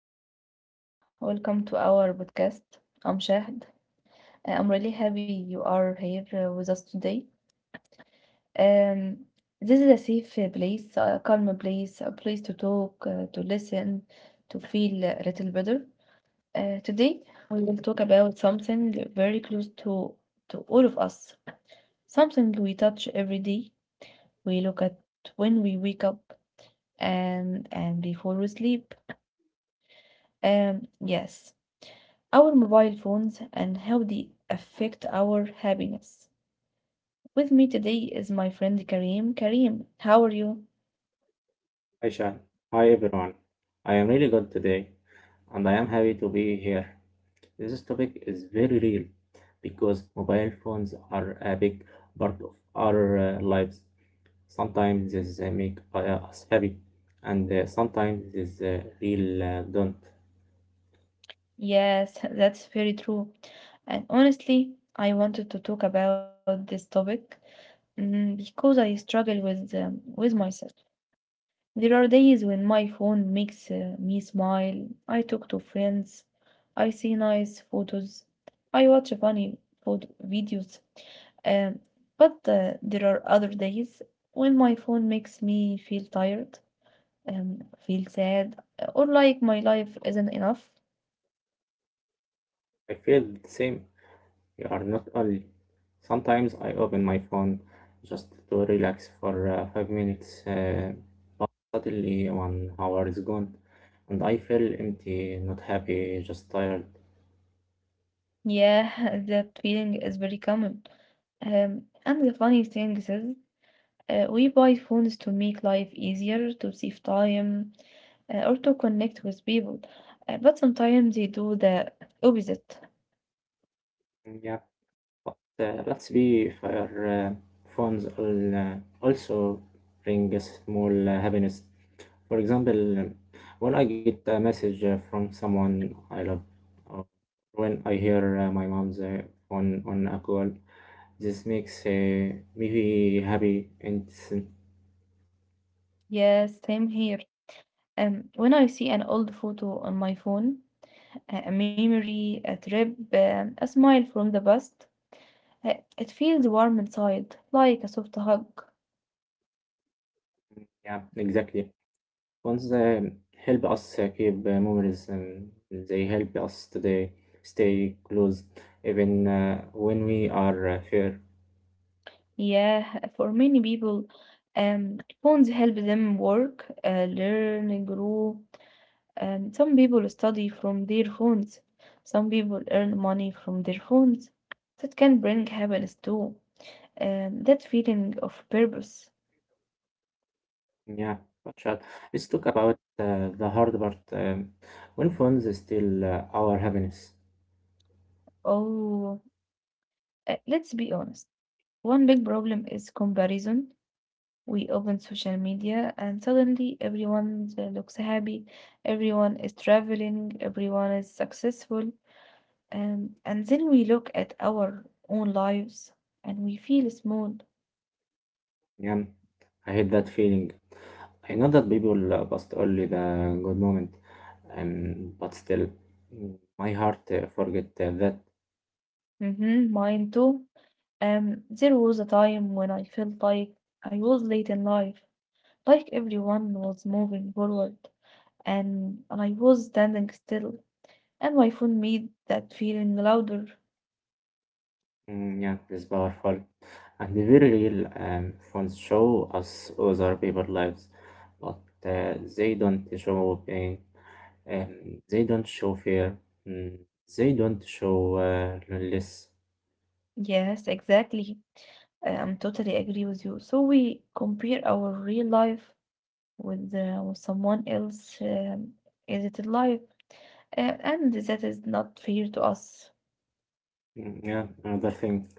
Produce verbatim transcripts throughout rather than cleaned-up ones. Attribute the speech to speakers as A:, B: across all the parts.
A: Hello everyone, welcome to our podcast. I'm Shahd. Uh, I'm really happy you are here uh, with us today. Um, this is a safe uh, place, a calm place, a place to talk, uh, to listen, to feel a little better. Uh, today we will talk about something very close to to all of us, something we touch every day. We look at when we wake up and and before we sleep. Um, yes. Our mobile phones and how they affect our happiness. With me today is my friend Karim. Karim, how are you?
B: Hi, Sean. Hi, everyone. I am really good today, and I am happy to be here. This topic is very real because mobile phones are a big part of our uh, lives. Sometimes they make uh, us happy, and uh, sometimes this uh, real uh, don't.
A: Yes, that's very true. And honestly, I wanted to talk about this topic mm, because I struggle with um, with myself. There are days when my phone makes uh, me smile. I talk to friends. I see nice photos. I watch funny photo videos. Um, but uh, there are other days when my phone makes me feel tired, um, feel sad, or like my life isn't enough.
B: I feel the same. You are not only. Sometimes I open my phone just to relax for uh, five minutes. Uh, Suddenly, one hour is gone, and I feel empty, not happy, just tired.
A: Yeah, that feeling is very common. Um, and the funny thing is, Uh, we buy phones to make life easier, to save time, uh, or to connect with people. Uh, but sometimes they do the opposite.
B: Yeah, but uh, let's be fair. Uh, phones al- uh, also bring a small uh, happiness. For example, um, when I get a message uh, from someone I love, when I hear uh, my mom's uh, on on a call, this makes uh, me happy, and
A: Yes, same here. Um, when I see an old photo on my phone, a a memory, a trip, um, a smile from the past, Uh, it feels warm inside, like a soft hug.
B: yeah, exactly. Ones that help us uh, keep uh, memories, and they help us today stay close even uh, when we are uh, far.
A: Yeah, for many people, um, phones help them work, uh, learn, grow. Um, some people study from their phones. Some people earn money from their phones. That can bring happiness too. Um, that feeling of purpose.
B: Yeah, but Shad, let's talk about uh, the hard part um, when phones is still uh, our happiness.
A: Oh, uh, let's be honest. One big problem is comparison. We open social media and suddenly everyone looks happy, everyone is traveling, everyone is successful, and, and then we look at our own lives and we feel small.
B: Yeah, I hate that feeling. I know that people uh, post only the good moment, um, but still, mm, my heart uh, forget uh, that.
A: Mm-hmm, mine too. Um, there was a time when I felt like I was late in life, like everyone was moving forward and I was standing still, and my phone made that feeling louder.
B: Mm, yeah, that's powerful. And the very real um, phones show us other people's lives, but uh, they don't show pain, um, they don't show fear, mm, they don't show uh, loneliness.
A: Yes, exactly. I- I'm totally agree with you. So we compare our real life with, uh, with someone else um, edited life, uh, and that is not fair to us.
B: Mm, yeah, another thing,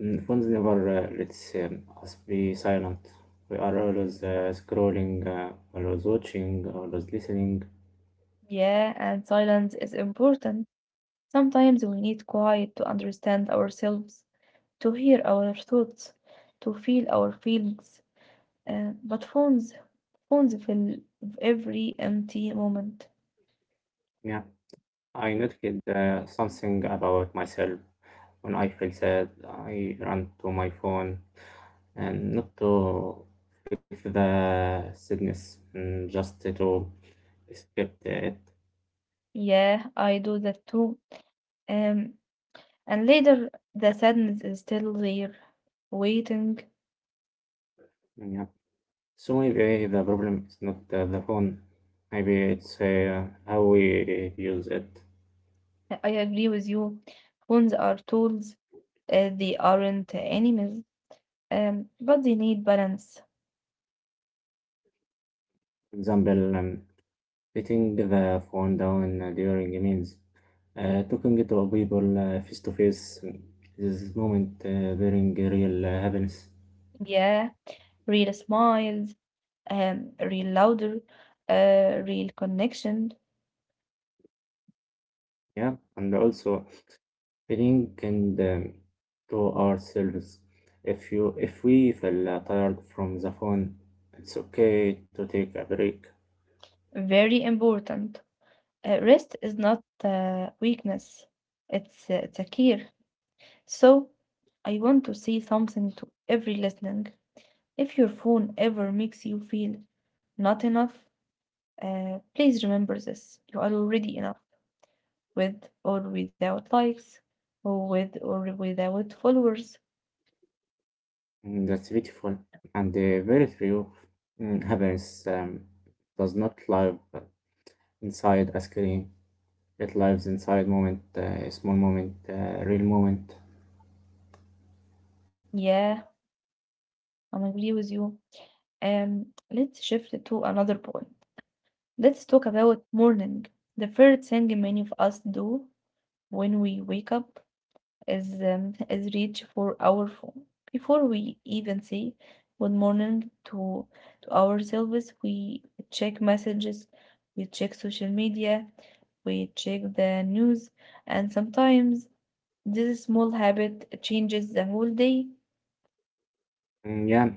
B: mm, phones never uh, lets um, us be silent. We are always uh, scrolling, uh, always watching, always listening.
A: Yeah, and silence is important. Sometimes we need quiet to understand ourselves, to hear our thoughts, to feel our feelings. Uh, but phones, phones fill every empty moment.
B: Yeah. I noticed uh, something about myself. When I feel sad, I run to my phone and not to fix the sadness, mm, just to escape it.
A: Yeah, I do that too. Um, And later, the sadness is still there, waiting.
B: Yeah. So maybe the problem is not uh, the phone. Maybe it's uh, how we use it.
A: I agree with you. Phones are tools, uh, they aren't enemies, um, but they need balance.
B: For example, um, letting the phone down during meals. Uh, talking to people uh, face to face, this moment uh, bring real uh, happiness.
A: Yeah, real smiles, um, real louder, uh, real connection.
B: Yeah, and also feeling and um, to ourselves. If you if we feel uh, tired from the phone, it's okay to take a break.
A: Very important. Uh, rest is not uh, weakness, it's, uh, it's a care. So, I want to say something to every listening. If your phone ever makes you feel not enough, Uh, please remember this. You are already enough with or without likes, or with or without followers.
B: Mm, that's beautiful and uh, very true. Mm, happiness um, does not live inside a screen. It lives inside moment, uh, small moment, uh, real moment.
A: Yeah, I agree with you. Um, let's shift to another point. Let's talk about morning. The first thing many of us do when we wake up is um, is reach for our phone. Before we even say good morning to to ourselves, we check messages, we check social media, we check the news, and sometimes this small habit changes the whole day.
B: Mm, yeah,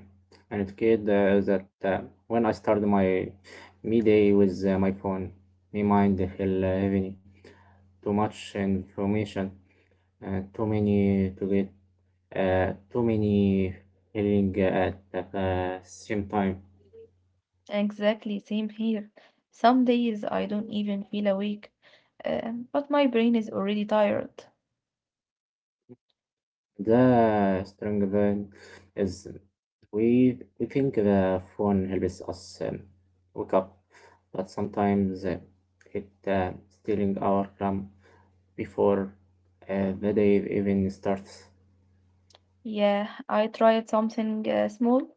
B: and it kid uh, that uh, when I start my me day with uh, my phone, my mind feel uh, heavy, too much information, uh, too many to get, uh, too many feeling at the uh, same time.
A: Exactly, same here. Some days I don't even feel awake, um, but my brain is already tired.
B: The strong thing is we we think the phone helps us um, wake up, but sometimes uh, it uh, stealing our calm before uh, the day even starts.
A: Yeah, I tried something uh, small,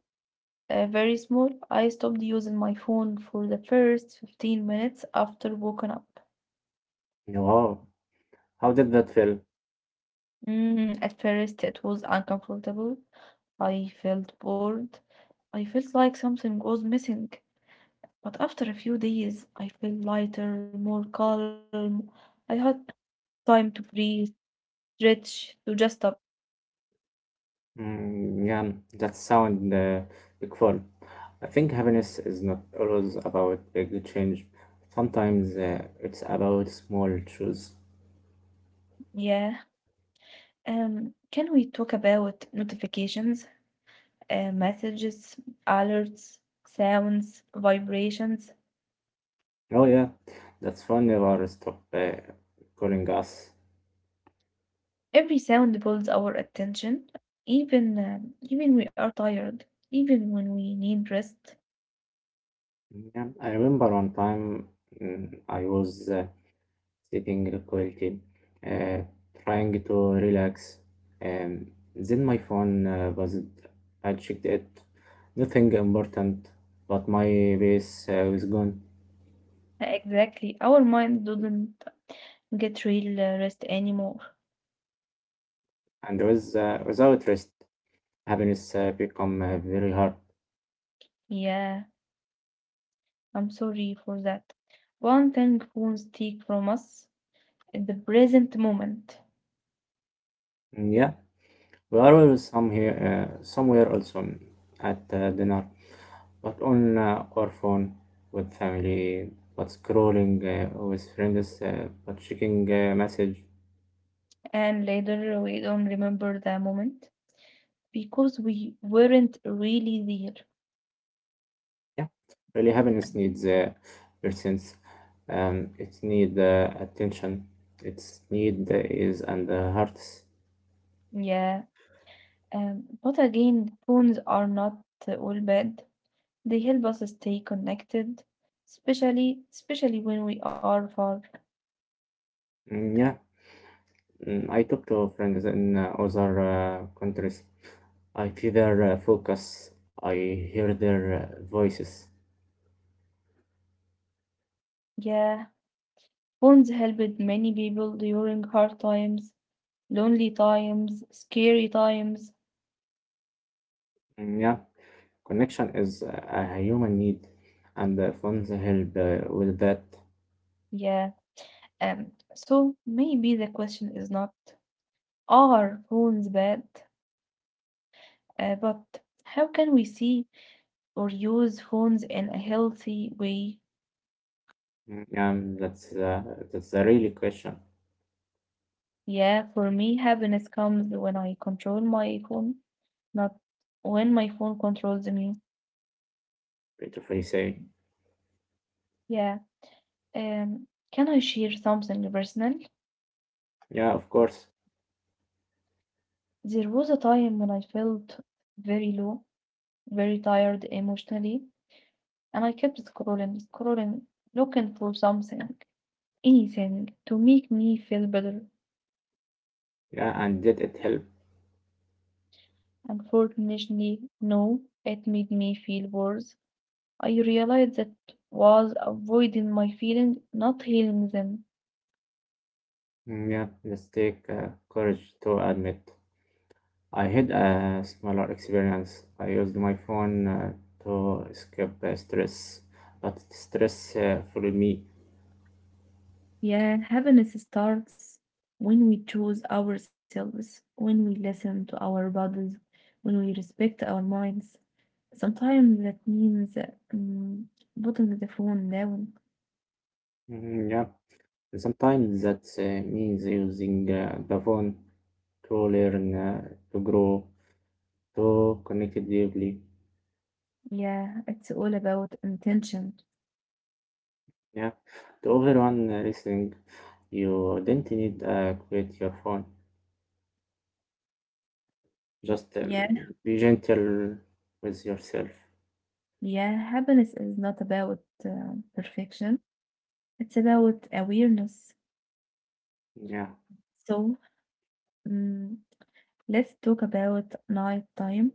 A: uh, very small. I stopped using my phone for the first fifteen minutes after waking up.
B: Wow, how did that feel?
A: Mm, at first, it was uncomfortable. I felt bored. I felt like something was missing. But after a few days, I felt lighter, more calm. I had time to breathe, stretch, to just stop.
B: Mm, yeah, that sound uh, big fun. I think happiness is not always about big change. Sometimes uh, it's about small truths.
A: Yeah. Um, can we talk about notifications, uh, messages, alerts, sounds, vibrations?
B: Oh yeah, that's fun. Never stop uh, calling us.
A: Every sound pulls our attention, even uh, even we are tired, even when we need rest.
B: Yeah, I remember one time, mm, I was uh, sitting required, uh, trying to relax. Um, then my phone uh, buzzed. I checked it. Nothing important, but my base uh, was gone.
A: Exactly. Our mind does not get real uh, rest anymore.
B: And with, uh, without rest, happiness uh, become uh, very hard.
A: Yeah, I'm sorry for that. One thing phones take from us is the present moment,
B: Mm, yeah, we are all some here, uh, somewhere also at uh, dinner, but on uh, our phone with family, but scrolling uh, with friends, uh, but checking uh, message.
A: and later we don't remember the moment because we weren't really there.
B: Yeah, really happiness needs uh, persons. Um, it need uh, attention. Its need uh, is and the hearts.
A: Yeah, um, but again, phones are not uh, all bad. They help us stay connected, especially especially when we are far.
B: Mm, yeah, mm, I talk to friends in uh, other uh, countries. I feel their uh, focus. I hear their uh, voices.
A: Yeah, phones helped many people during hard times, lonely times, scary times.
B: Mm, yeah, connection is uh, a, human need, and uh, phones help uh, with that.
A: Yeah. Um, so maybe the question is not are phones bad, uh, but how can we see or use phones in a healthy way?
B: Mm, yeah, that's uh, that's a really question.
A: Yeah, for me, happiness comes when I control my phone, not when my phone controls me.
B: Peter Frey say.
A: Yeah. Um, can I share something personal?
B: Yeah, of course.
A: There was a time when I felt very low, very tired emotionally. And I kept scrolling, scrolling, looking for something, anything to make me feel better.
B: Yeah, and did it help?
A: Unfortunately, no, it made me feel worse. I realized that was avoiding my feelings, not healing them.
B: Mm, yeah, let's take uh, courage to admit. I had a smaller experience. I used my phone uh, to escape uh, stress, but stress uh, followed me.
A: Yeah, happiness starts when we choose ourselves, when we listen to our bodies, when we respect our minds. Sometimes that means um, putting the phone down.
B: Mm, yeah, and sometimes that uh, means using uh, the phone to learn, uh, to grow, to connect deeply.
A: Yeah, it's all about intention.
B: Yeah, to everyone uh, listening, you don't need uh, quit your phone. Just
A: Yeah,
B: um, be gentle with yourself.
A: yeah, happiness is not about uh, perfection, it's about awareness.
B: Yeah.
A: So, mm, let's talk about night time,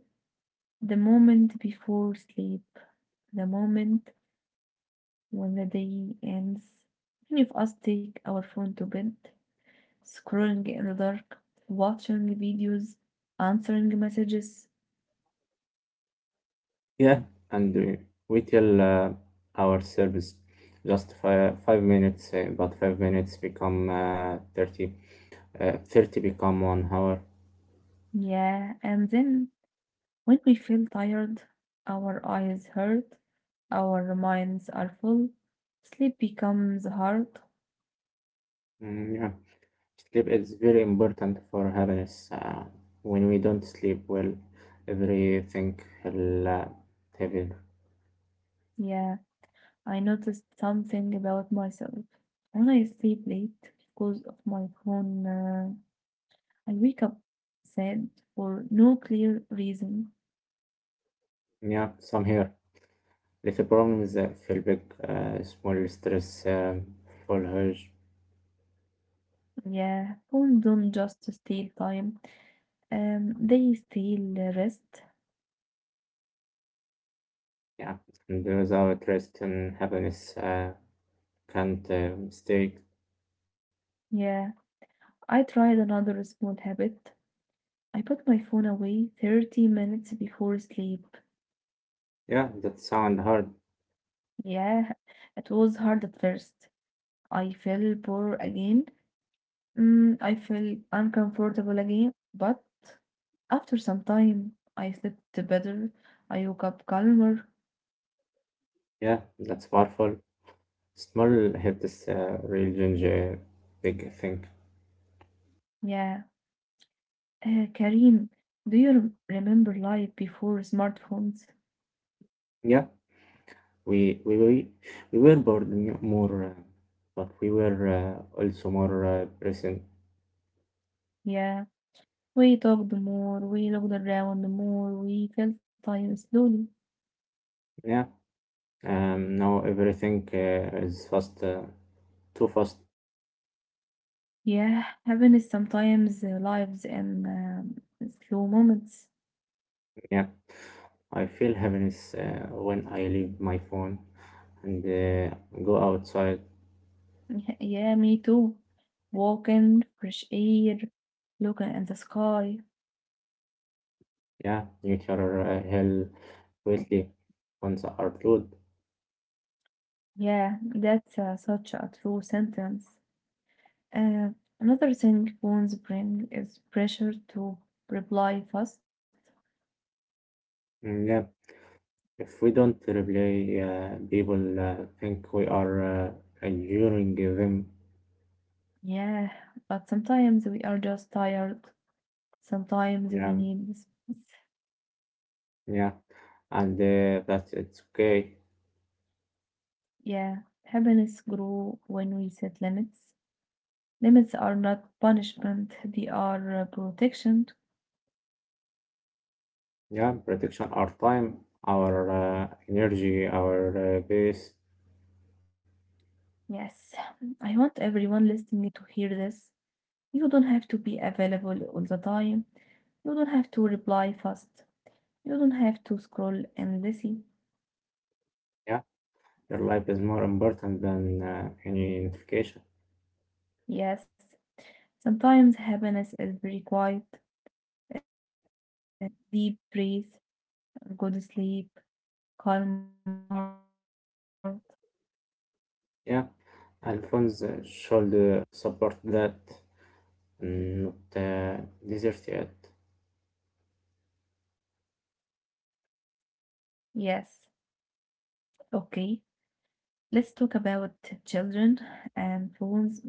A: the moment before sleep, the moment when the day ends. Many of us take our phone to bed, scrolling in the dark, watching videos, answering messages.
B: Yeah, and we, we tell uh, our service just five, five minutes, uh, but five minutes become uh, thirty, uh, thirty become one hour.
A: Yeah, and then when we feel tired, our eyes hurt, our minds are full, sleep becomes hard.
B: Mm, yeah, sleep is very important for happiness. Uh, when we don't sleep well, everything will uh, heavy.
A: Yeah, I noticed something about myself. When I sleep late because of my phone, uh, I wake up sad for no clear reason.
B: Yeah, some here. Little problems uh, feel big, uh, small stress uh, full huge.
A: Yeah, phone don't just steal time, um, they steal rest.
B: Yeah, and without rest and happiness uh, can't uh, stay.
A: Yeah, I tried another small habit. I put my phone away thirty minutes before sleep.
B: Yeah, that sound hard.
A: Yeah, it was hard at first. I feel poor again. Mm, I feel uncomfortable again. But after some time, I slept better. I woke up calmer.
B: Yeah, that's powerful. Small helps uh, real change uh, big thing.
A: Yeah. Uh, Karim, do you rem- remember life before smartphones?
B: Yeah, we we we, we were bored m- more, uh, but we were uh, also more uh, present.
A: Yeah. We talked more. We looked around more. We felt time slowly.
B: Yeah, um, now everything uh, is fast, uh, too fast.
A: Yeah, happiness sometimes uh, lives in um, slow moments.
B: Yeah, I feel happiness uh, when I leave my phone and uh, go outside.
A: Yeah, me too. Walking, fresh air, looking at the sky.
B: Yeah, nature uh, hell quickly once are art.
A: Yeah, that's uh, such a true sentence. Uh, another thing phones bring is pressure to reply fast.
B: Yeah. If we don't reply, uh, people uh, think we are uh, ignoring them.
A: Yeah, but sometimes we are just tired. Sometimes we
B: Yeah,
A: need space.
B: yeah, and uh, that's it's okay.
A: Yeah, happiness grow when we set limits. Limits are not punishment, they are uh, protection.
B: Yeah, protection our time, our uh, energy, our uh, base.
A: Yes, I want everyone listening to hear this. You don't have to be available all the time. You don't have to reply fast. You don't have to scroll endlessly.
B: Yeah, your life is more important than uh, any notification.
A: Yes, sometimes happiness is very quiet, um, deep breath, good sleep, calm heart.
B: Yeah, and funds uh, should uh, support that, not uh, desert yet.
A: Yes, okay. Let's talk about children and phones. Many children today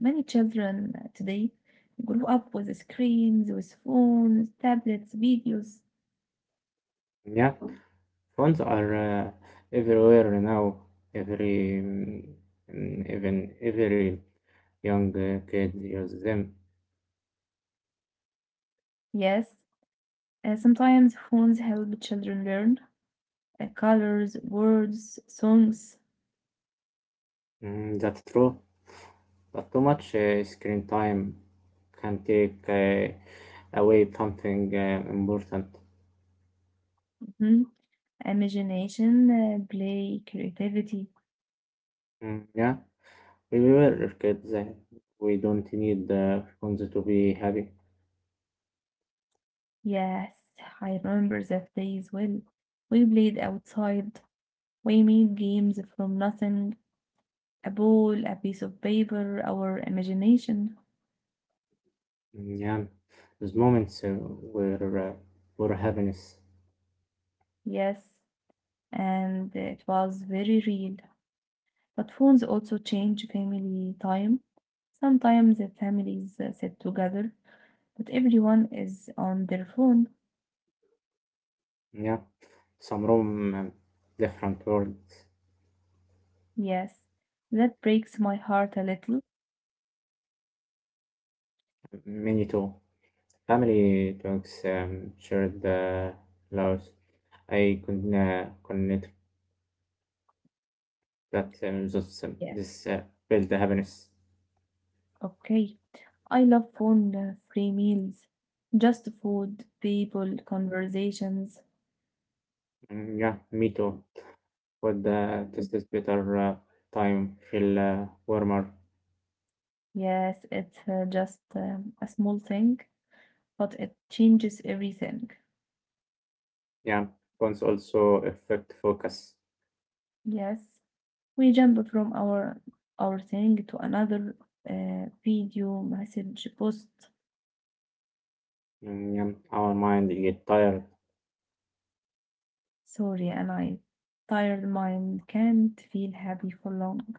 A: grew up with screens, with phones, tablets, videos.
B: Yeah. Phones are uh, everywhere now. Every mm, even every young uh, kid uses them.
A: Yes, uh, sometimes phones help children learn, uh, colors, words, songs,
B: Mm, that's true. But too much uh, screen time can take uh, away something uh, important.
A: mhm, imagination, uh, play, creativity.
B: Mm, yeah, we were kids. Uh, we don't need the phones to be happy.
A: Yes, I remember that day as well. We played outside. We made games from nothing. A ball, a piece of paper, our imagination.
B: Mm, yeah, those moments uh, were uh, where happiness.
A: Yes, and it was very real. But phones also change family time. Sometimes the families uh, sit together, but everyone is on their phone.
B: Yeah, some room, uh, different worlds.
A: Yes, that breaks my heart a little.
B: Many too. Family talks, um, shared the loves. I could uh, connect that um, those,
A: Yes,
B: um, this uh, build the happiness.
A: okay. I love phone uh, free meals, just food, people, conversations.
B: Mm, yeah, me too. But uh, this is better uh, time feel uh, warmer.
A: Yes, it's uh, just um, a small thing, but it changes everything.
B: Yeah, phones also affect focus.
A: Yes, we jump from our our thing to another uh, video, message, post.
B: Mm, yeah, our mind get tired.
A: Sorry, and I tired mind can't feel happy for long.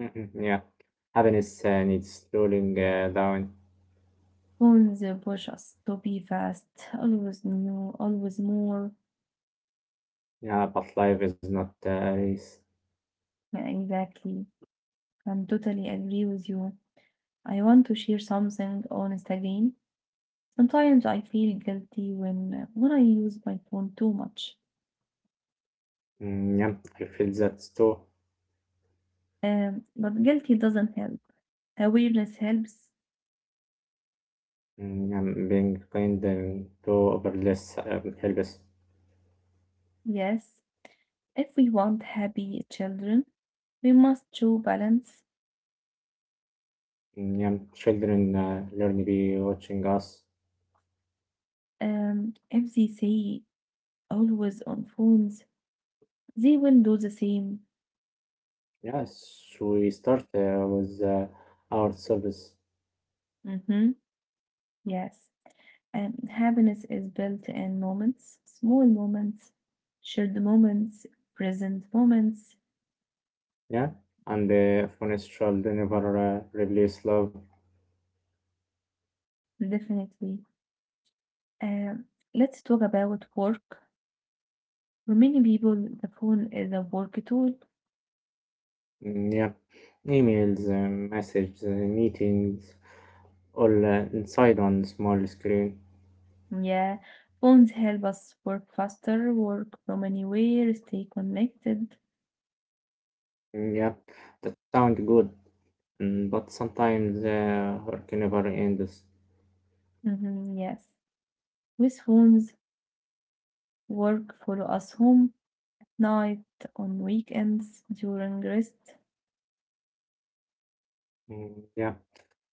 B: Mm-mm, yeah, happiness uh, needs slowing uh, down.
A: Phones push us to be fast, always new, always more.
B: Yeah, but life is not a race.
A: Yeah, exactly. I'm totally agree with you. I want to share something honest again. Sometimes I feel guilty when uh, when I use my phone too much.
B: Mm, yeah, I feel that too.
A: Um, but guilty doesn't help. Awareness helps,
B: Mm, yeah, being kind um, to overless um, helps.
A: yes. If we want happy children, we must show balance.
B: Mm, yeah, children uh, learn to be watching us.
A: Um, if they say always on phones, they will do the same.
B: Yes, we start uh, with uh, our service.
A: Mm-hmm. Yes. Um, happiness is built in moments, small moments, shared moments, present moments,
B: Yeah, and uh, honest child never uh, replace love.
A: definitely. Um, let's talk about work. For many people, the phone is a work tool.
B: Mm, yeah, emails, um, messages, uh, meetings, all uh, inside on small screen.
A: Yeah, phones help us work faster, work from anywhere, stay connected.
B: Mm, yeah, that sound good, mm, but sometimes uh, work never ends.
A: Mhm, yes, with phones, work follow us home, night, on weekends, during rest.
B: Mm, yeah.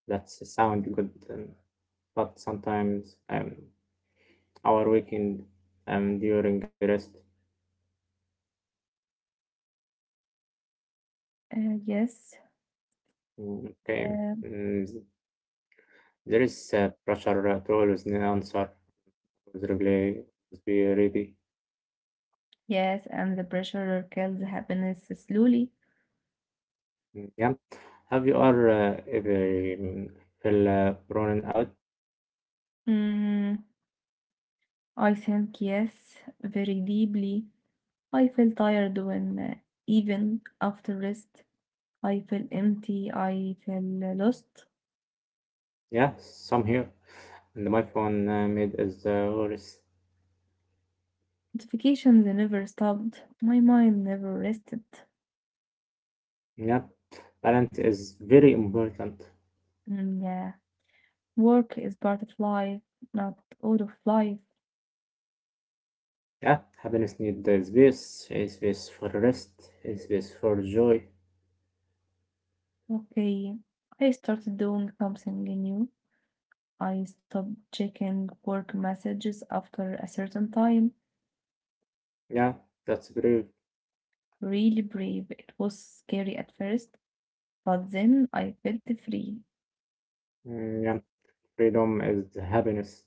B: That's sound good. Um, but sometimes um, our weekend um, during rest.
A: Uh, yes.
B: Mm, okay.
A: Um,
B: Mm, there is uh, pressure to always answer, always reply, always be ready.
A: yes, and the pressure kills happiness slowly.
B: Mm, yeah, have you are uh, ever um, feel uh, running out?
A: Mm, I think yes, very deeply. I feel tired when, uh, even after rest, I feel empty. I feel lost.
B: Yeah, some here, and my phone uh, made is uh, worse.
A: Notifications never stopped. My mind never rested.
B: Yeah, balance is very important.
A: Mm, yeah, work is part of life, not all of life.
B: Yeah, happiness need the space, a space for rest, a space for joy.
A: Okay, I started doing something new. I stopped checking work messages after a certain time.
B: Yeah, that's very.
A: Really brave. It was scary at first, but then I felt free.
B: Mm, yeah, freedom is happiness.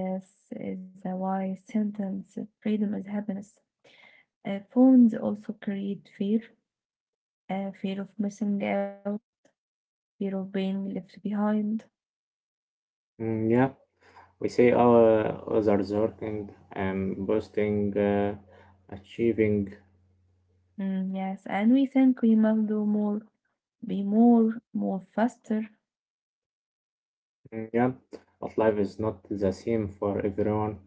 A: Yes, is a wise sentence. Freedom is happiness. Uh, phones also create fear. Uh, fear of missing out, fear of being left behind.
B: Mm, yeah, we see our others working and boasting, uh, achieving.
A: Mm, yes, and we think we must do more, be more, more faster.
B: Mm, yeah, but life is not the same for everyone.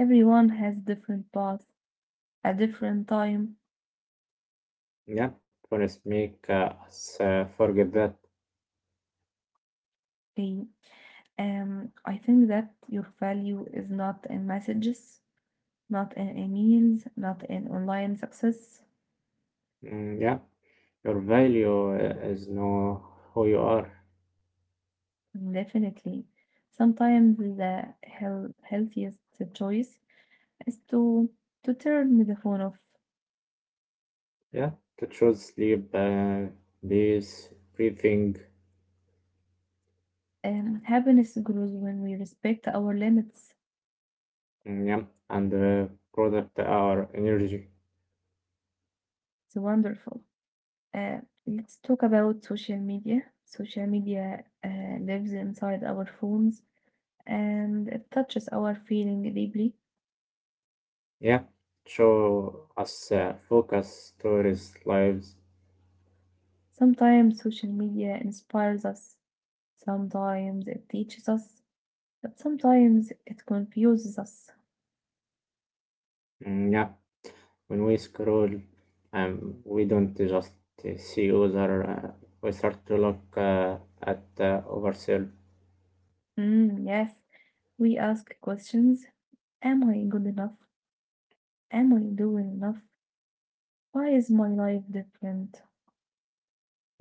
A: Everyone has different path, a different time.
B: Yeah, happiness make uh, us uh, forget that.
A: Okay. Um, I think that your value is not in messages, not in emails, not in online success.
B: Mm, yeah, your value uh, is know who you are.
A: Definitely. Sometimes the heal- healthiest choice is to to turn the phone off.
B: Yeah, to choose sleep, uh, peace, breathing.
A: Um, happiness grows when we respect our limits.
B: Mm, yeah, and uh, product our energy.
A: It's wonderful. Uh, let's talk about social media. Social media uh, lives inside our phones and it touches our feeling deeply.
B: Yeah, show us uh, focus stories, lives.
A: Sometimes social media inspires us, sometimes it teaches us, but sometimes it confuses us.
B: Mm, yeah, when we scroll, um, we don't just uh, see other. Uh, we start to look uh, at uh, ourselves.
A: Mm, yes, we ask questions. Am I good enough? Am I doing enough? Why is my life different?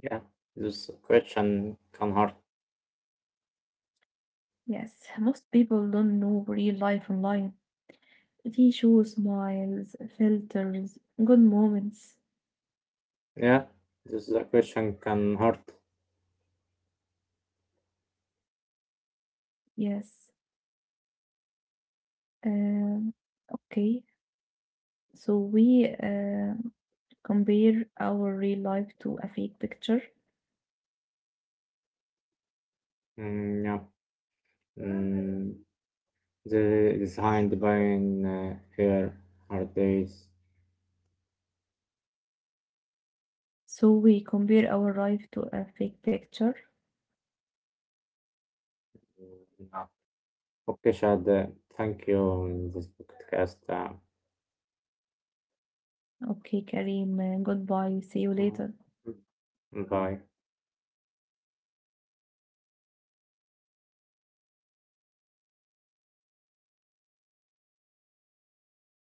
B: Yeah, this question can hurt.
A: Yes, most people don't know real life online. They show smiles, filters, good moments.
B: Yeah, this uh, question can hurt.
A: Yes. Um, okay, so we uh, compare our real life to a fake picture.
B: Mm, yeah, mm, the designed by uh, here are days.
A: So we compare our life to a fake picture.
B: Mm, yeah. Okay, Shad, uh, thank you on this podcast. Uh,
A: Okay, Kareem. Goodbye. See you
B: Mmh.
A: later.
B: Mmh, pareil.